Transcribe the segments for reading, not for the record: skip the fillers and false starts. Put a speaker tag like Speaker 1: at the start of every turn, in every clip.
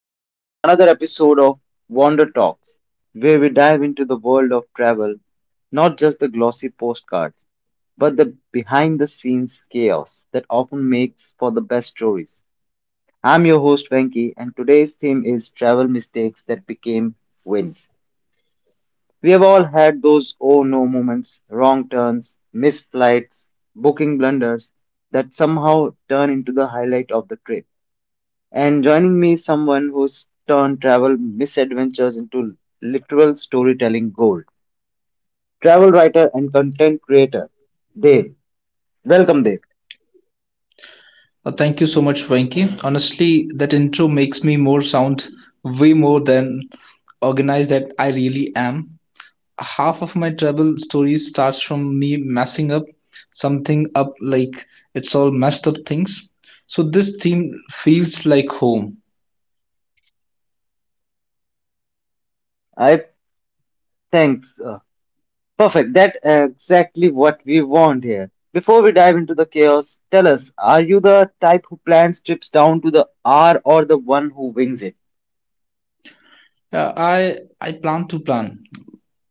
Speaker 1: everyone to another episode of Wander Talks, where we dive into the world of travel, not just the glossy postcards, but the behind the scenes chaos that often makes for the best stories. I'm your host Venki, and today's theme is travel mistakes that became wins. We have all had those oh no moments, wrong turns, missed flights, booking blunders that somehow turn into the highlight of the trip. And joining me is someone who's turned travel misadventures into literal storytelling gold. Travel writer and content creator, Dave. Welcome, Dave.
Speaker 2: Thank you so much, Venky. Honestly, that intro makes me more sound way more than organized that I really am. Half of my travel stories starts from me messing up something up like it's all messed up things. So this theme feels like home.
Speaker 1: I thanks. Perfect. That's exactly what we want here. Before we dive into the chaos, tell us, are you the type who plans trips down to the R or the one who wings it?
Speaker 2: I plan to plan,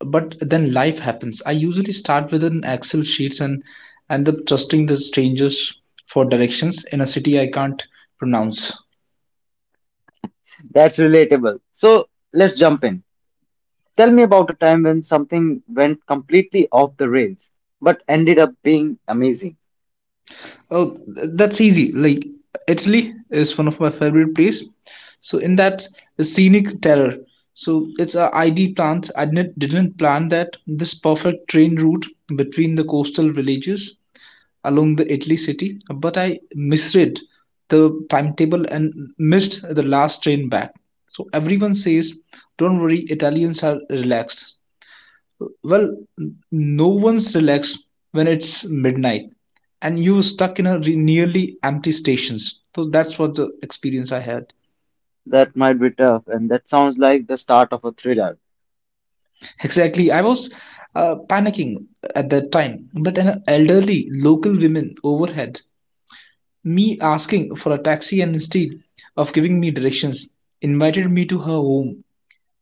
Speaker 2: but then life happens. I usually start with an Excel sheets and end up trusting the strangers for directions in a city I can't pronounce.
Speaker 1: That's relatable. So let's jump in. Tell me about a time when something went completely off the rails, but ended up being amazing.
Speaker 2: Oh, that's easy. Like Italy is one of my favorite place. So in that the scenic terror. So it's a I D ID plant. I didn't plan that this perfect train route between the coastal villages along the Italy city, but I misread the timetable and missed the last train back. So everyone says, "Don't worry, Italians are relaxed." Well, no one's relaxed when it's midnight and you stuck in a nearly empty stations. So that's what the experience I had.
Speaker 1: That might be tough, and that sounds like the start of a thriller.
Speaker 2: Exactly, I was panicking at that time, but an elderly local woman overhead me asking for a taxi and instead of giving me directions, invited me to her home.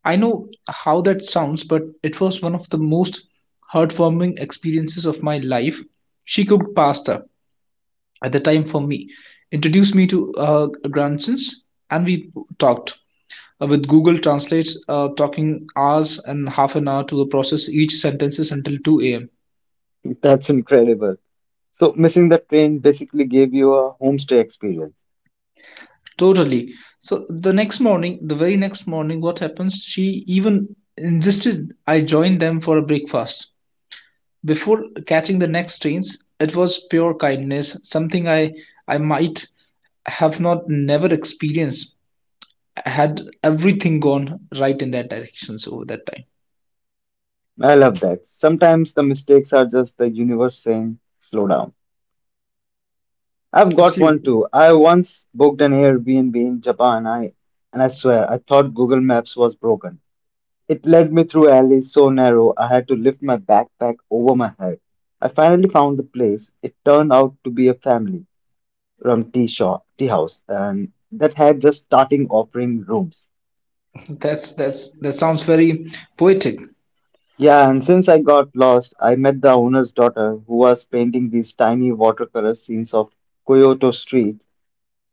Speaker 2: I know how that sounds, but it was one of the most heartwarming experiences of my life. She cooked pasta at the time for me introduced me to grandsons and we talked with google translate talking hours and half an hour to process each sentences until 2 a.m.
Speaker 1: That's incredible. So, missing the train basically gave you a homestay experience.
Speaker 2: Totally. So the next morning, the very next morning, what happens, she even insisted I join them for a breakfast before catching the next trains. It was pure kindness, something I might have not never experienced had everything gone right in that direction over that time.
Speaker 1: I love that. Sometimes the mistakes are just the universe saying, slow down. I've got one
Speaker 2: Absolutely.
Speaker 1: too. I once booked an Airbnb in Japan, and I swear, I thought Google Maps was broken. It led me through alleys so narrow, I had to lift my backpack over my head. I finally found the place. It turned out to be a family rum tea shop, tea house, and that had just starting offering rooms.
Speaker 2: That's that sounds very poetic.
Speaker 1: Yeah, and since I got lost, I met the owner's daughter who was painting these tiny watercolor scenes of Kyoto streets.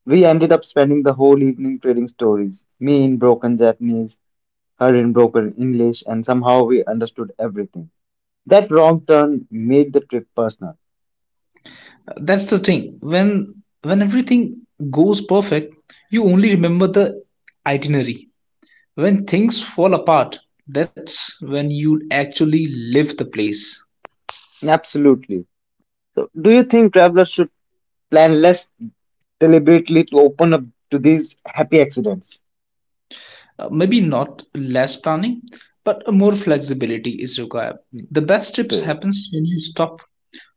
Speaker 1: We ended up spending the whole evening trading stories, me in broken Japanese, her in broken English, and somehow we understood everything. That wrong turn made the trip personal.
Speaker 2: That's the thing. When everything goes perfect, you only remember the itinerary. When things fall apart, that's when you actually live the place.
Speaker 1: Absolutely. So, do you think travelers should plan less deliberately to open up to these happy accidents?
Speaker 2: Maybe not less planning, but more flexibility is required. The best trips
Speaker 1: Okay.
Speaker 2: happens when you stop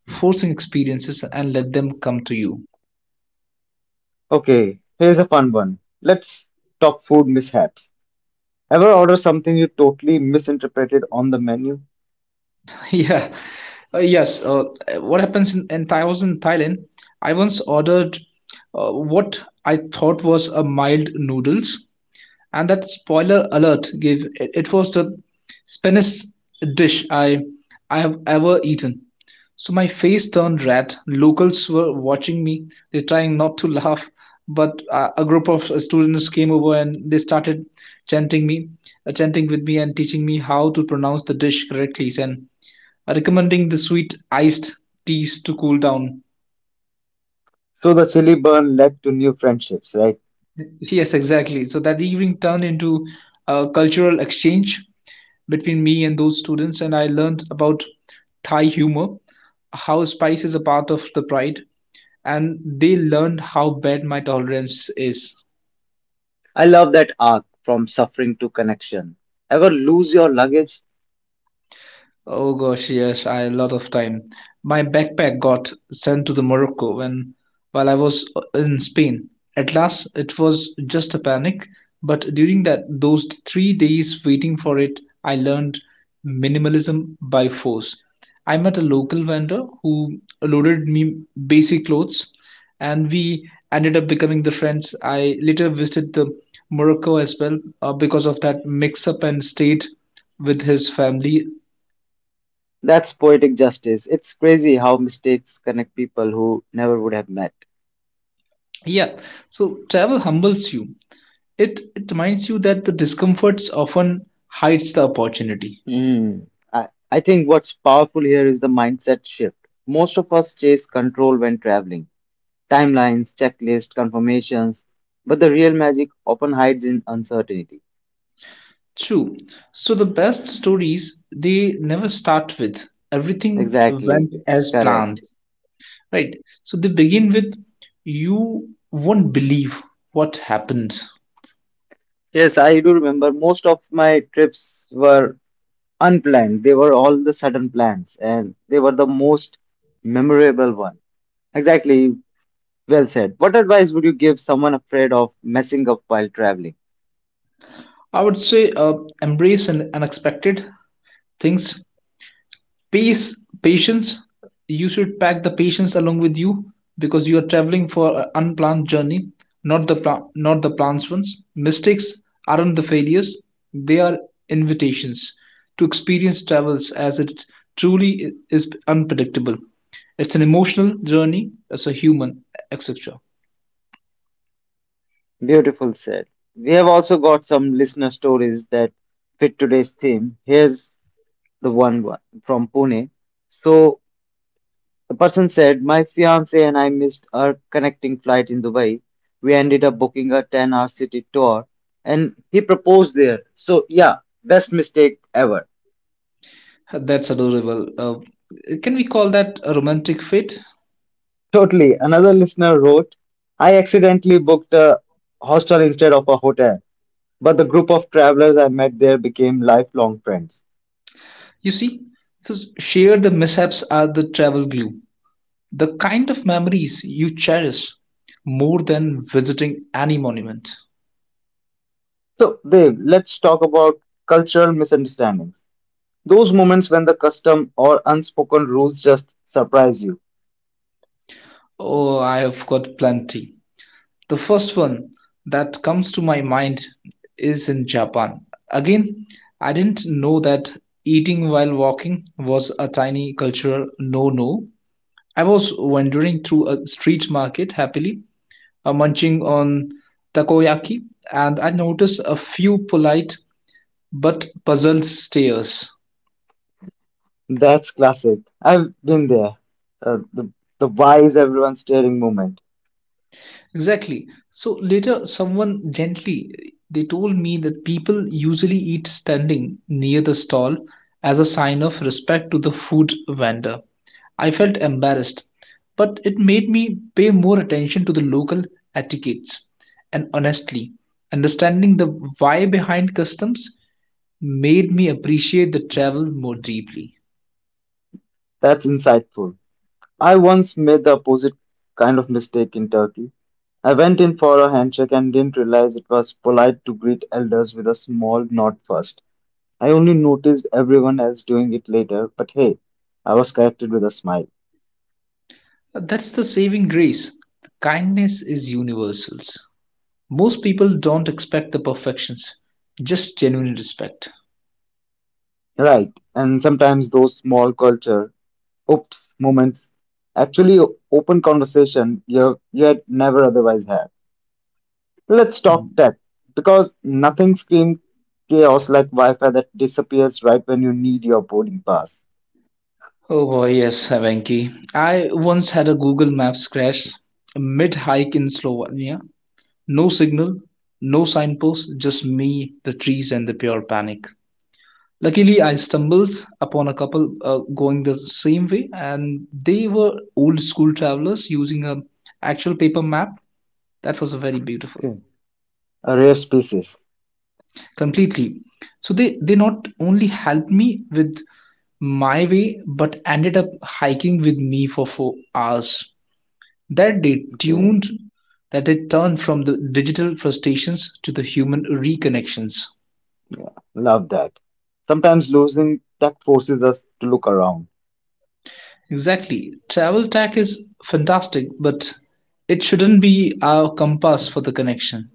Speaker 2: forcing experiences and let them come to you.
Speaker 1: Okay. Here's a fun one. Let's talk food mishaps. Ever order something you totally misinterpreted on the menu?
Speaker 2: Yeah, yes. What happens in Thai, I was in Thailand. I once ordered what I thought was a mild noodles, and that spoiler alert gave it, it was the spinach dish I have ever eaten. So my face turned red. Locals were watching me. They trying not to laugh, but a group of students came over and they started chanting me, chanting with me and teaching me how to pronounce the dish correctly. And recommending the sweet iced teas to cool down.
Speaker 1: So the chili burn led to new friendships, right?
Speaker 2: Yes, exactly. So that evening turned into a cultural exchange between me and those students, and I learned about Thai humor, how spice is a part of the pride, and they learned how bad my tolerance is.
Speaker 1: I love that arc from suffering to connection. Ever lose your luggage?
Speaker 2: Oh gosh, yes, I a lot of time. My backpack got sent to the Morocco when while I was in Spain. At last, it was just a panic, but during that those 3 days waiting for it, I learned minimalism by force. I met a local vendor who loaded me basic clothes, and we ended up becoming the friends. I later visited the Morocco as well because of that mix-up and stayed with his family.
Speaker 1: That's poetic justice. It's crazy how mistakes connect people who never would have met.
Speaker 2: Yeah, so travel humbles you. It reminds you that the discomforts often hides the opportunity.
Speaker 1: Hmm. I think what's powerful here is the mindset shift. Most of us chase control when traveling. Timelines, checklists, confirmations, but the real magic often hides in uncertainty.
Speaker 2: True. So the best stories they never start with everything
Speaker 1: Exactly,
Speaker 2: went as
Speaker 1: correct.
Speaker 2: planned. Right. So they begin with you won't believe what happened.
Speaker 1: Yes, I do remember most of my trips were unplanned. They were all the sudden plans, and they were the most memorable one. Exactly, well said. What advice would you give someone afraid of messing up while traveling?
Speaker 2: I would say embrace an unexpected things. Pace patience. You should pack the patience along with you because you are traveling for an unplanned journey, not the not the planned ones. Mistakes aren't the failures; they are invitations to experience travels as it truly is unpredictable. It's an emotional journey as a human, etc.
Speaker 1: Beautiful said. We have also got some listener stories that fit today's theme. Here's the one from Pune. So the person said, my fiance and I missed our connecting flight in Dubai. We ended up booking a 10-hour city tour and he proposed there. So, yeah, best mistake ever.
Speaker 2: That's adorable. Can we call that a romantic fit?
Speaker 1: Totally. Another listener wrote, I accidentally booked a hostel instead of a hotel, but the group of travelers I met there became lifelong friends.
Speaker 2: You see, so share the mishaps are the travel glue, the kind of memories you cherish more than visiting any monument.
Speaker 1: So, Dev, let's talk about cultural misunderstandings. Those moments when the custom or unspoken rules just surprise you.
Speaker 2: Oh, I have got plenty. The first one that comes to my mind is in Japan. Again, I didn't know that eating while walking was a tiny cultural no no. I was wandering through a street market happily, munching on takoyaki, and I noticed a few polite but puzzled stares.
Speaker 1: That's classic. I've been there. Uh, the, the why is everyone staring moment.
Speaker 2: Exactly. So later, someone gently they told me that people usually eat standing near the stall as a sign of respect to the food vendor. I felt embarrassed, but it made me pay more attention to the local etiquettes. And honestly, understanding the why behind customs made me appreciate the travel more deeply.
Speaker 1: That's insightful. I once made the opposite kind of mistake in Turkey. I went in for a handshake and didn't realize it was polite to greet elders with a small nod first. I only noticed everyone else doing it later, but hey, I was corrected with a smile.
Speaker 2: That's the saving grace. Kindness is universal. Most people don't expect the perfections, just genuine respect.
Speaker 1: Right, and sometimes those small culture oops moments actually o- open conversation you had never otherwise had. Let's talk
Speaker 2: Mhm.
Speaker 1: tech, because nothing screams chaos like Wi-Fi that disappears right when you need your boarding pass.
Speaker 2: Oh boy, yes, Venki. I once had a Google Maps crash mid hike in Slovenia. No signal, no signpost, just me, the trees, and the pure panic. Luckily, I stumbled upon a couple going the same way, and they were old school travelers using a actual paper map. That was very
Speaker 1: Okay.
Speaker 2: beautiful,
Speaker 1: A rare species.
Speaker 2: completely. So they not only helped me with my way but ended up hiking with me for 4 hours. That day
Speaker 1: Okay.
Speaker 2: tuned that they turned from the digital frustrations to the human reconnections.
Speaker 1: Love that. Sometimes losing tech forces us to look around.
Speaker 2: Exactly. Travel tech is fantastic, but it shouldn't be our compass for the connection.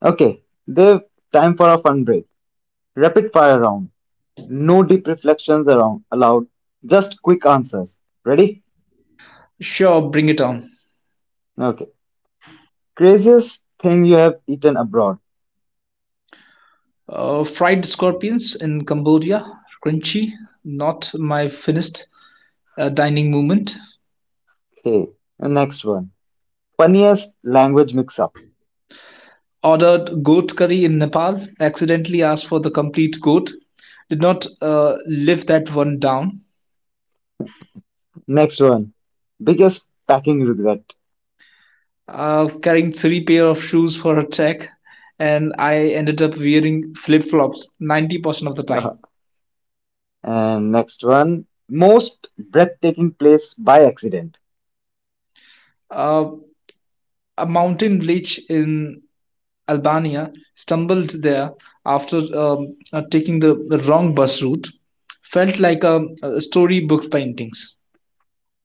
Speaker 1: Okay, Dev, time for a fun break. Rapid fire round. No deep reflections around allowed. Just quick answers. Ready?
Speaker 2: Sure, bring it on.
Speaker 1: Okay. Craziest thing you have eaten abroad.
Speaker 2: Fried scorpions in Cambodia, crunchy, not my finest dining moment.
Speaker 1: Okay. Next one. Funniest language mix-up.
Speaker 2: Ordered goat curry in Nepal, accidentally asked for the complete goat, did not live that one down.
Speaker 1: Next one, biggest packing regret.
Speaker 2: Carrying three pair of shoes for a check, and I ended up wearing flip flops 90% of the time.
Speaker 1: And next one, most breathtaking place by accident.
Speaker 2: Uh, a mountain village in Albania stumbled there after taking the wrong bus route. Felt like a storybook paintings.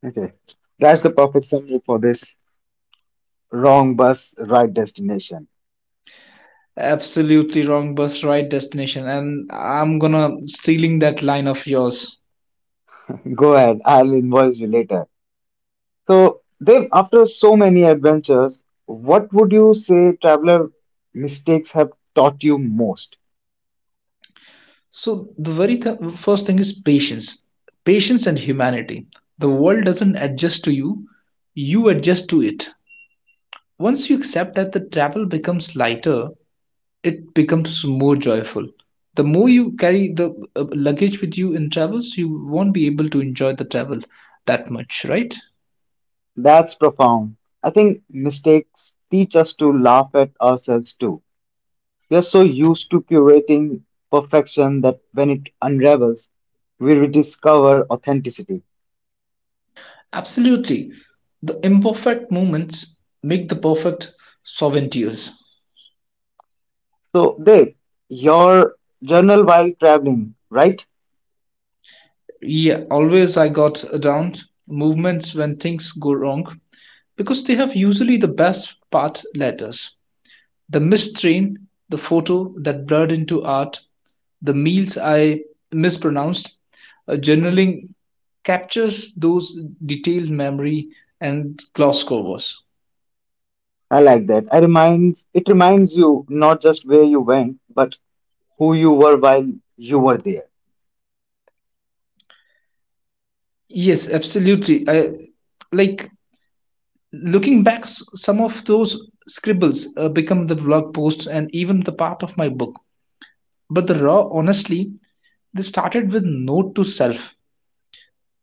Speaker 1: Okay, that's the perfect summary for this wrong bus, right destination.
Speaker 2: Absolutely wrong bus, right destination. And I'm gonna stealing that line of yours.
Speaker 1: Go ahead, I'll invoice you later. So, Dev, after so many adventures, what would you say traveler mistakes have taught you most?
Speaker 2: So the very first thing is patience, patience and humanity. The world doesn't adjust to you; you adjust to it. Once you accept that the travel becomes lighter, it becomes more joyful. The more you carry the luggage with you in travels, you won't be able to enjoy the travel that much, right?
Speaker 1: That's profound. I think mistakes teach us to laugh at ourselves too. We are so used to curating perfection that when it unravels, we rediscover authenticity.
Speaker 2: Absolutely. The imperfect moments make the perfect souvenirs.
Speaker 1: So, Dave, your journal while traveling, right?
Speaker 2: Yeah, always I got down movements when things go wrong because they have usually the best part letters. The missed train, the photo that blurred into art, the meals I mispronounced, journaling captures those detailed memory and gloss covers.
Speaker 1: I like that. I reminds it reminds you not just where you went, but who you were while you were there.
Speaker 2: Yes, absolutely. I like looking back, some of those scribbles become the blog posts and even the part of my book. But the raw, honestly, they started with note to self.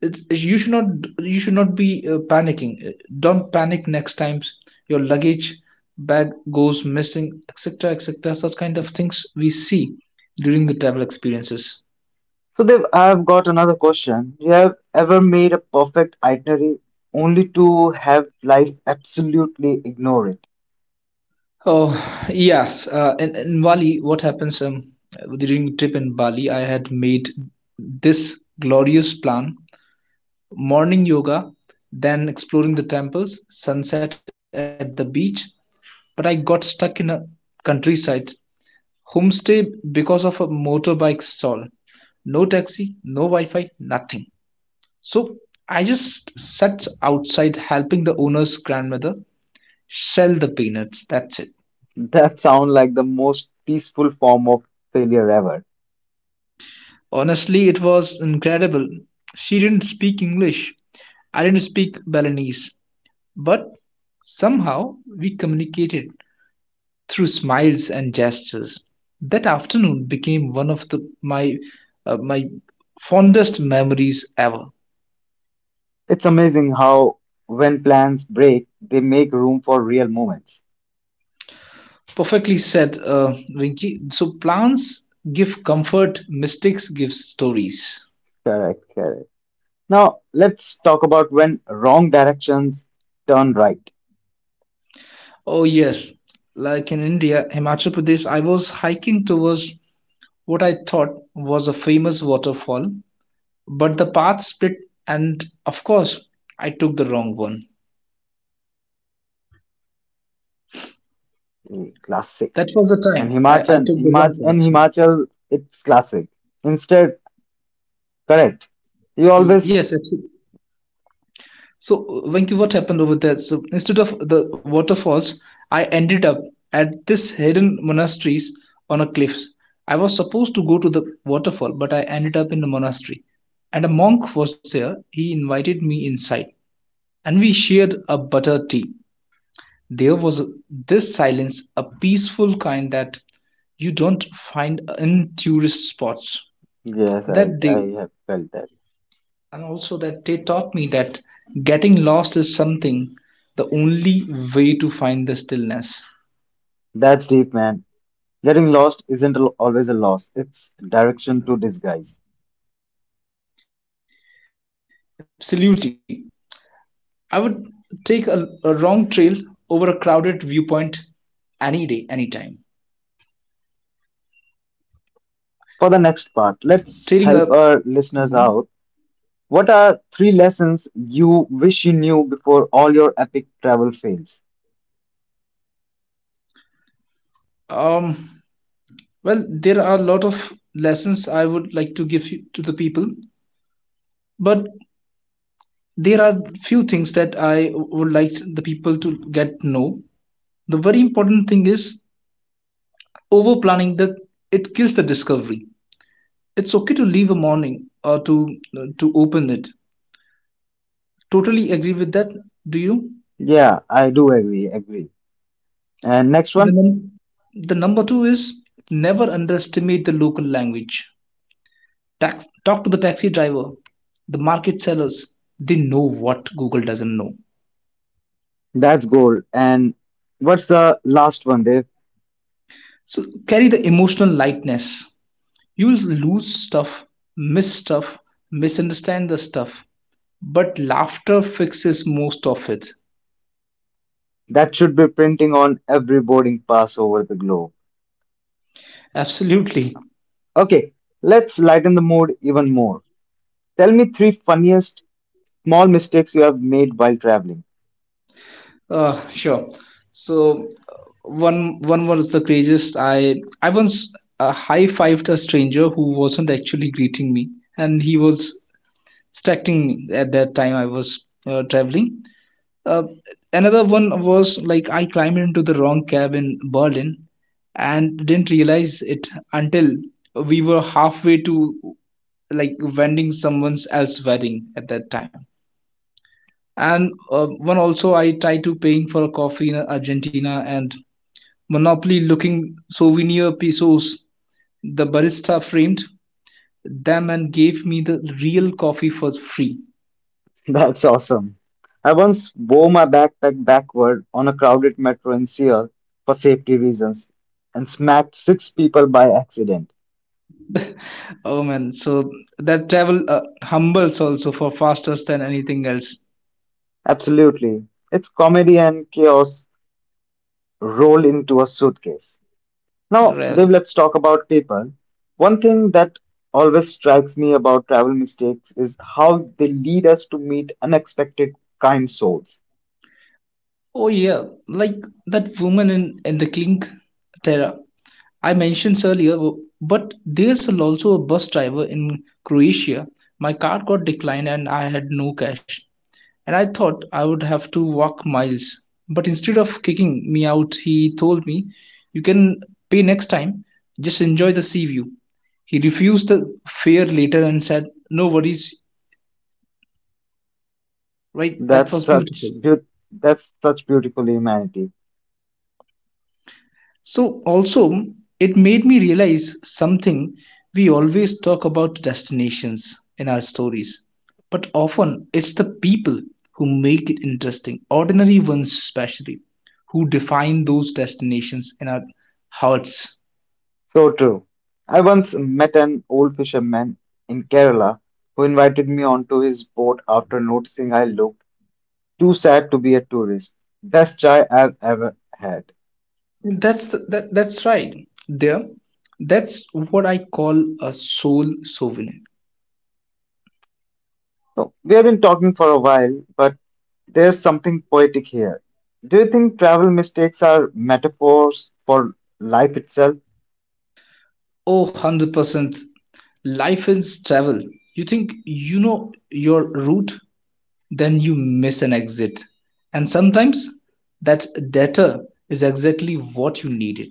Speaker 2: It's, you should not be panicking. Don't panic next time your luggage bag goes missing, etc., etc. Such kind of things we see during the travel experiences.
Speaker 1: So, Dave, I've got another question. You have ever made a perfect itinerary only to have life absolutely ignore it?
Speaker 2: Oh yes, in Bali, what happens during trip in Bali? I had made this glorious plan morning yoga, then exploring the temples, sunset at the beach. But I got stuck in a countryside homestay because of a motorbike stall. No taxi, no Wi Fi, nothing. So I just sat outside helping the owner's grandmother sell the peanuts. That's it.
Speaker 1: That sounds like the most peaceful form of failure ever.
Speaker 2: Honestly, it was incredible. She didn't speak English, I didn't speak Balinese, but somehow we communicated through smiles and gestures. That afternoon became one of my my fondest memories ever.
Speaker 1: It's amazing how, when plans break, they make room for real moments.
Speaker 2: Perfectly said, Rinki. So plants give comfort, mistakes give stories.
Speaker 1: Correct, correct. Now, let's talk about when wrong directions turn right.
Speaker 2: Oh yes, like in India, Himachal Pradesh, I was hiking towards what I thought was a famous waterfall, but the path split, and of course, I took the wrong one.
Speaker 1: Mm, classic.
Speaker 2: That was the
Speaker 1: And
Speaker 2: time I
Speaker 1: Himachal,
Speaker 2: took the
Speaker 1: Himach,
Speaker 2: wrong path.
Speaker 1: and Himachal, it's classic. Instead, correct. You
Speaker 2: Yes.
Speaker 1: always,
Speaker 2: So, Venky, what happened over there? So, instead of the waterfalls, I ended up at this hidden monasteries on a cliff. I was supposed to go to the waterfall, but I ended up in the monastery. And a monk was there. He invited me inside, and we shared a butter tea. There was this silence, a peaceful kind that you don't find in tourist spots.
Speaker 1: yes,
Speaker 2: That
Speaker 1: I,
Speaker 2: day,
Speaker 1: I have felt that.
Speaker 2: and also that they taught me that getting lost is something the only way to find the stillness.
Speaker 1: That's deep, man. Getting lost isn't always a loss, it's direction to disguise.
Speaker 2: Absolutely. I would take a wrong trail over a crowded viewpoint any day anytime.
Speaker 1: For the
Speaker 2: Trailing
Speaker 1: next
Speaker 2: a
Speaker 1: part, let's
Speaker 2: mhm.
Speaker 1: help our listeners out. What are three lessons you wish you knew before all your epic travel fails?
Speaker 2: Um, well, there are a lot of lessons I would like to to the people, but there are few things that I would like the people to get to know. The very important thing is overplanning, the it kills the discovery. It's okay to leave a morning or to open it. Totally agree with that. Do you?
Speaker 1: Yeah, I do agree. And next
Speaker 2: The
Speaker 1: one,
Speaker 2: num- the number 2 is never underestimate the local language. Talk to the taxi driver, the market sellers. They know what Google doesn't know.
Speaker 1: that's gold. And what's the last one, Dave?
Speaker 2: So carry the emotional lightness. You will lose stuff, miss stuff, misunderstand the stuff, but laughter fixes most of it.
Speaker 1: That should be printing on every boarding pass over the globe.
Speaker 2: Absolutely.
Speaker 1: Okay, let's lighten the mood even more. Tell me three funniest small mistakes you have made while traveling.
Speaker 2: Sure. So one was the craziest. I once high fived a stranger who wasn't actually greeting me, and he was stalking me at that time. I was traveling. Uh, another one was like I climbed into the wrong cab in Berlin and didn't realize it until we were halfway to like vending someone else's wedding at that time, and one also I try to paying for a coffee in argentina and monopoly looking souvenir pesos, the barista framed them and gave me the real coffee for free.
Speaker 1: That's awesome. I once wore my backpack backward on a crowded metro in Seoul for safety reasons and smacked six people by accident.
Speaker 2: Oh man, so that travel humbles also for faster than anything else.
Speaker 1: Absolutely. It's comedy and chaos rolled into a suitcase. Now, Dev,
Speaker 2: Really.
Speaker 1: let's talk about people. One thing that always strikes me about travel mistakes is how they lead us to meet unexpected kind souls.
Speaker 2: Oh yeah, like that woman in the clink terra I mentioned earlier, but there's also a bus driver in croatia, my card got declined and I had no cash, and I thought I would have to walk miles. But instead of kicking me out, he told me, "You can pay next time, just enjoy the sea view." He refused the fare later and said, "No worries, right?" That
Speaker 1: That's
Speaker 2: was beautiful.
Speaker 1: such beaut that's such beautiful humanity.
Speaker 2: So also it made me realize something, we always talk about destinations in our stories, but often it's the people who make it interesting, ordinary ones especially, who define those destinations in our hearts.
Speaker 1: So true. I once met an old fisherman in Kerala who invited me onto his boat after noticing I looked too sad to be a tourist. Best chai I've ever had.
Speaker 2: That's right. There, that's what I call a soul souvenir.
Speaker 1: So we have been talking for a while, but there's something poetic here. Do you think travel mistakes are metaphors for life itself?
Speaker 2: Oh, 100%. Life is travel. You think you know your route, then you miss an exit. And sometimes that data is exactly what you needed.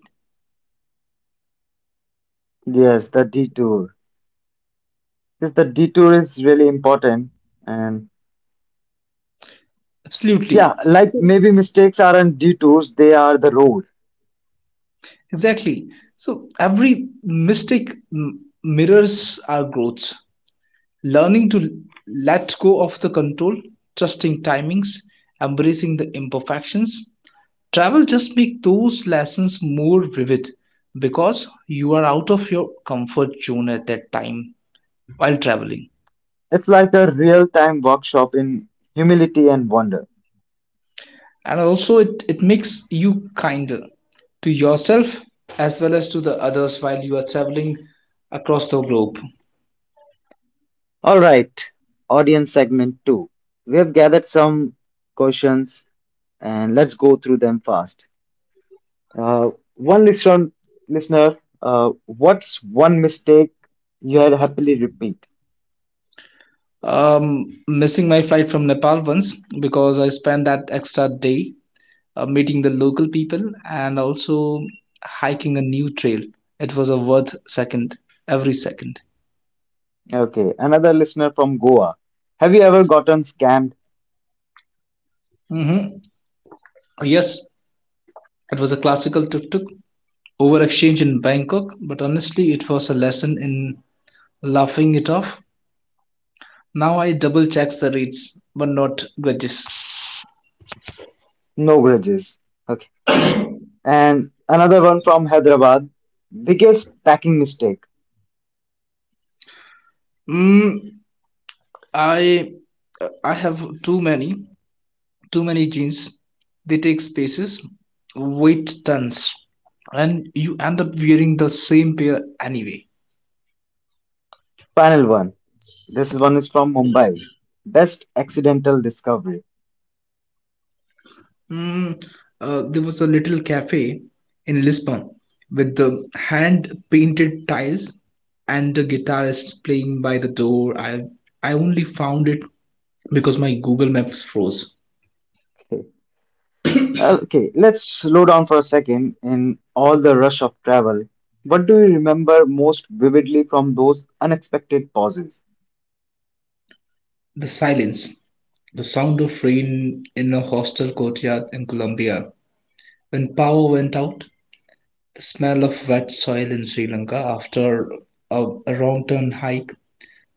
Speaker 1: Yes, the detour. Yes, the detour is really important. And yeah,
Speaker 2: Absolutely.
Speaker 1: like
Speaker 2: So-
Speaker 1: maybe mistakes aren't detours, they are the road.
Speaker 2: Exactly. So every mistake mirrors our growth. Learning to let go of the control, trusting timings, embracing the imperfections. Travel just make those lessons more vivid because you are out of your comfort zone at that time while traveling.
Speaker 1: It's like a real time workshop in humility and wonder.
Speaker 2: And also it makes you kinder to yourself as well as to the others while you are traveling across the globe.
Speaker 1: All right, audience segment two. We have gathered some questions and let's go through them fast. Uh, one listener, Listener, what's one mistake you had happily repeat?
Speaker 2: Missing my flight from nepal once because I spent that extra day meeting the local people and also hiking a new trail, it was a worth second every 2nd.
Speaker 1: Okay, another listener from Goa. Have you ever gotten scammed?
Speaker 2: Mm-hmm. Yes, it was a classical tuk-tuk over exchange in bangkok, but honestly it was a lesson in laughing it off. Now I double checks the reads, but not grudges.
Speaker 1: No grudges. Okay, and another one from Hyderabad. Biggest packing mistake.
Speaker 2: Mm, I I have too many jeans. They take spaces, weight tons, and you end up wearing the same pair anyway.
Speaker 1: Final one. This one is from Mumbai. Best accidental discovery.
Speaker 2: Mm, there was a little cafe in Lisbon with the hand-painted tiles and the guitarist playing by the door. I only found it because my Google Maps froze.
Speaker 1: Okay. Well, let's slow down for a second in all the rush of travel. What do you remember most vividly from those unexpected pauses?
Speaker 2: The silence. The sound of rain in a hostel courtyard in Colombia, when power went out, the smell of wet soil in Sri Lanka after a wrong turn hike,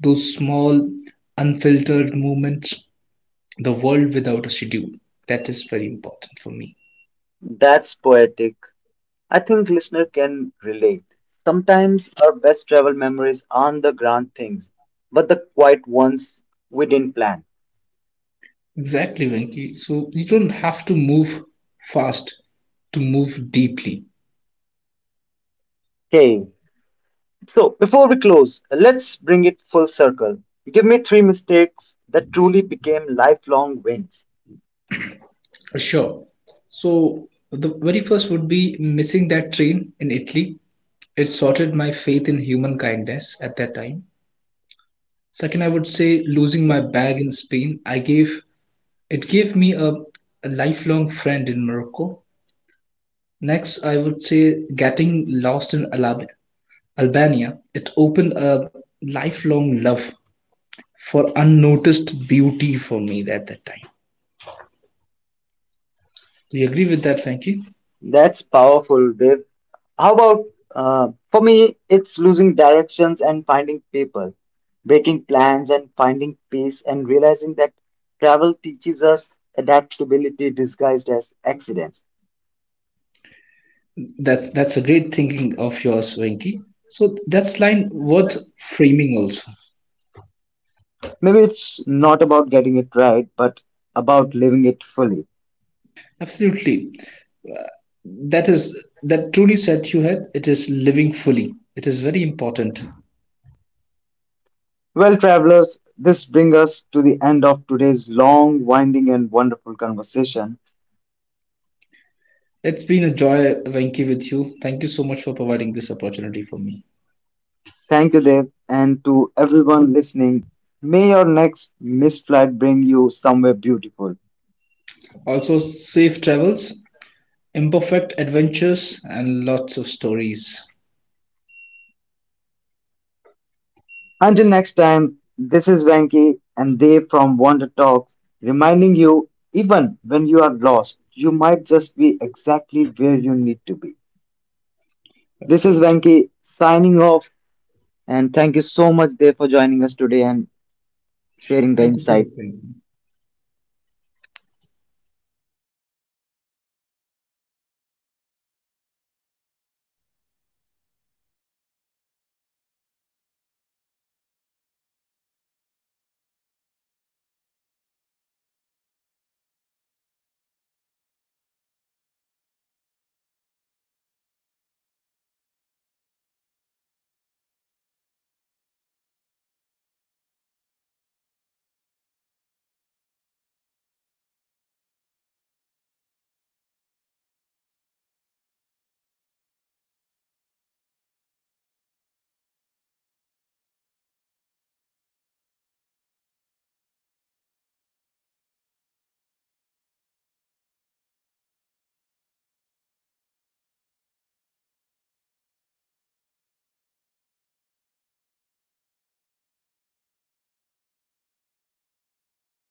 Speaker 2: those small, unfiltered moments, the world without a schedule. That is very important for me.
Speaker 1: That's poetic. I think listener can relate. Sometimes our best travel memories aren't the grand things, but the quiet ones we didn't plan.
Speaker 2: Exactly, Venki. So you don't have to move fast to move deeply.
Speaker 1: Okay, so, before we close, let's bring it full circle. Give me three mistakes that truly became lifelong wins.
Speaker 2: Sure. So the very first would be missing that train in Italy. It sorted my faith in human kindness at that time. Second, I would say losing my bag in Spain. I gave it gave me a lifelong friend in Morocco. Next, I would say getting lost in Albania. It opened a lifelong love for unnoticed beauty for me at that time. Do you agree with that, Venki?
Speaker 1: That's powerful, Dev. How about for me, it's losing directions and finding people, breaking plans and finding peace, and realizing that travel teaches us adaptability disguised as accident.
Speaker 2: That's a great thinking of yours, Venki. So that's line worth framing also.
Speaker 1: Maybe it's not about getting it right, but about living it fully.
Speaker 2: Absolutely. Uh, That is that truly set you had. It is living fully. It is very important.
Speaker 1: Well, travelers, this brings us to the end of today's long, winding, and wonderful conversation.
Speaker 2: It's been a joy, Venki, with you. Thank you so much for providing this opportunity for me.
Speaker 1: Thank you, Dev, and to everyone listening. May your next missed flight bring you somewhere beautiful.
Speaker 2: Also, safe travels, imperfect adventures, and lots of stories.
Speaker 1: Until next time, this is Venki and Dev from Wonder Talks, reminding you even when you are lost, you might just be exactly where you need to be. This is
Speaker 2: Absolutely.
Speaker 1: Venki signing off, and thank you so much, Dev, for joining us today and sharing the
Speaker 2: Thank you so much,
Speaker 1: insight.
Speaker 2: Venki.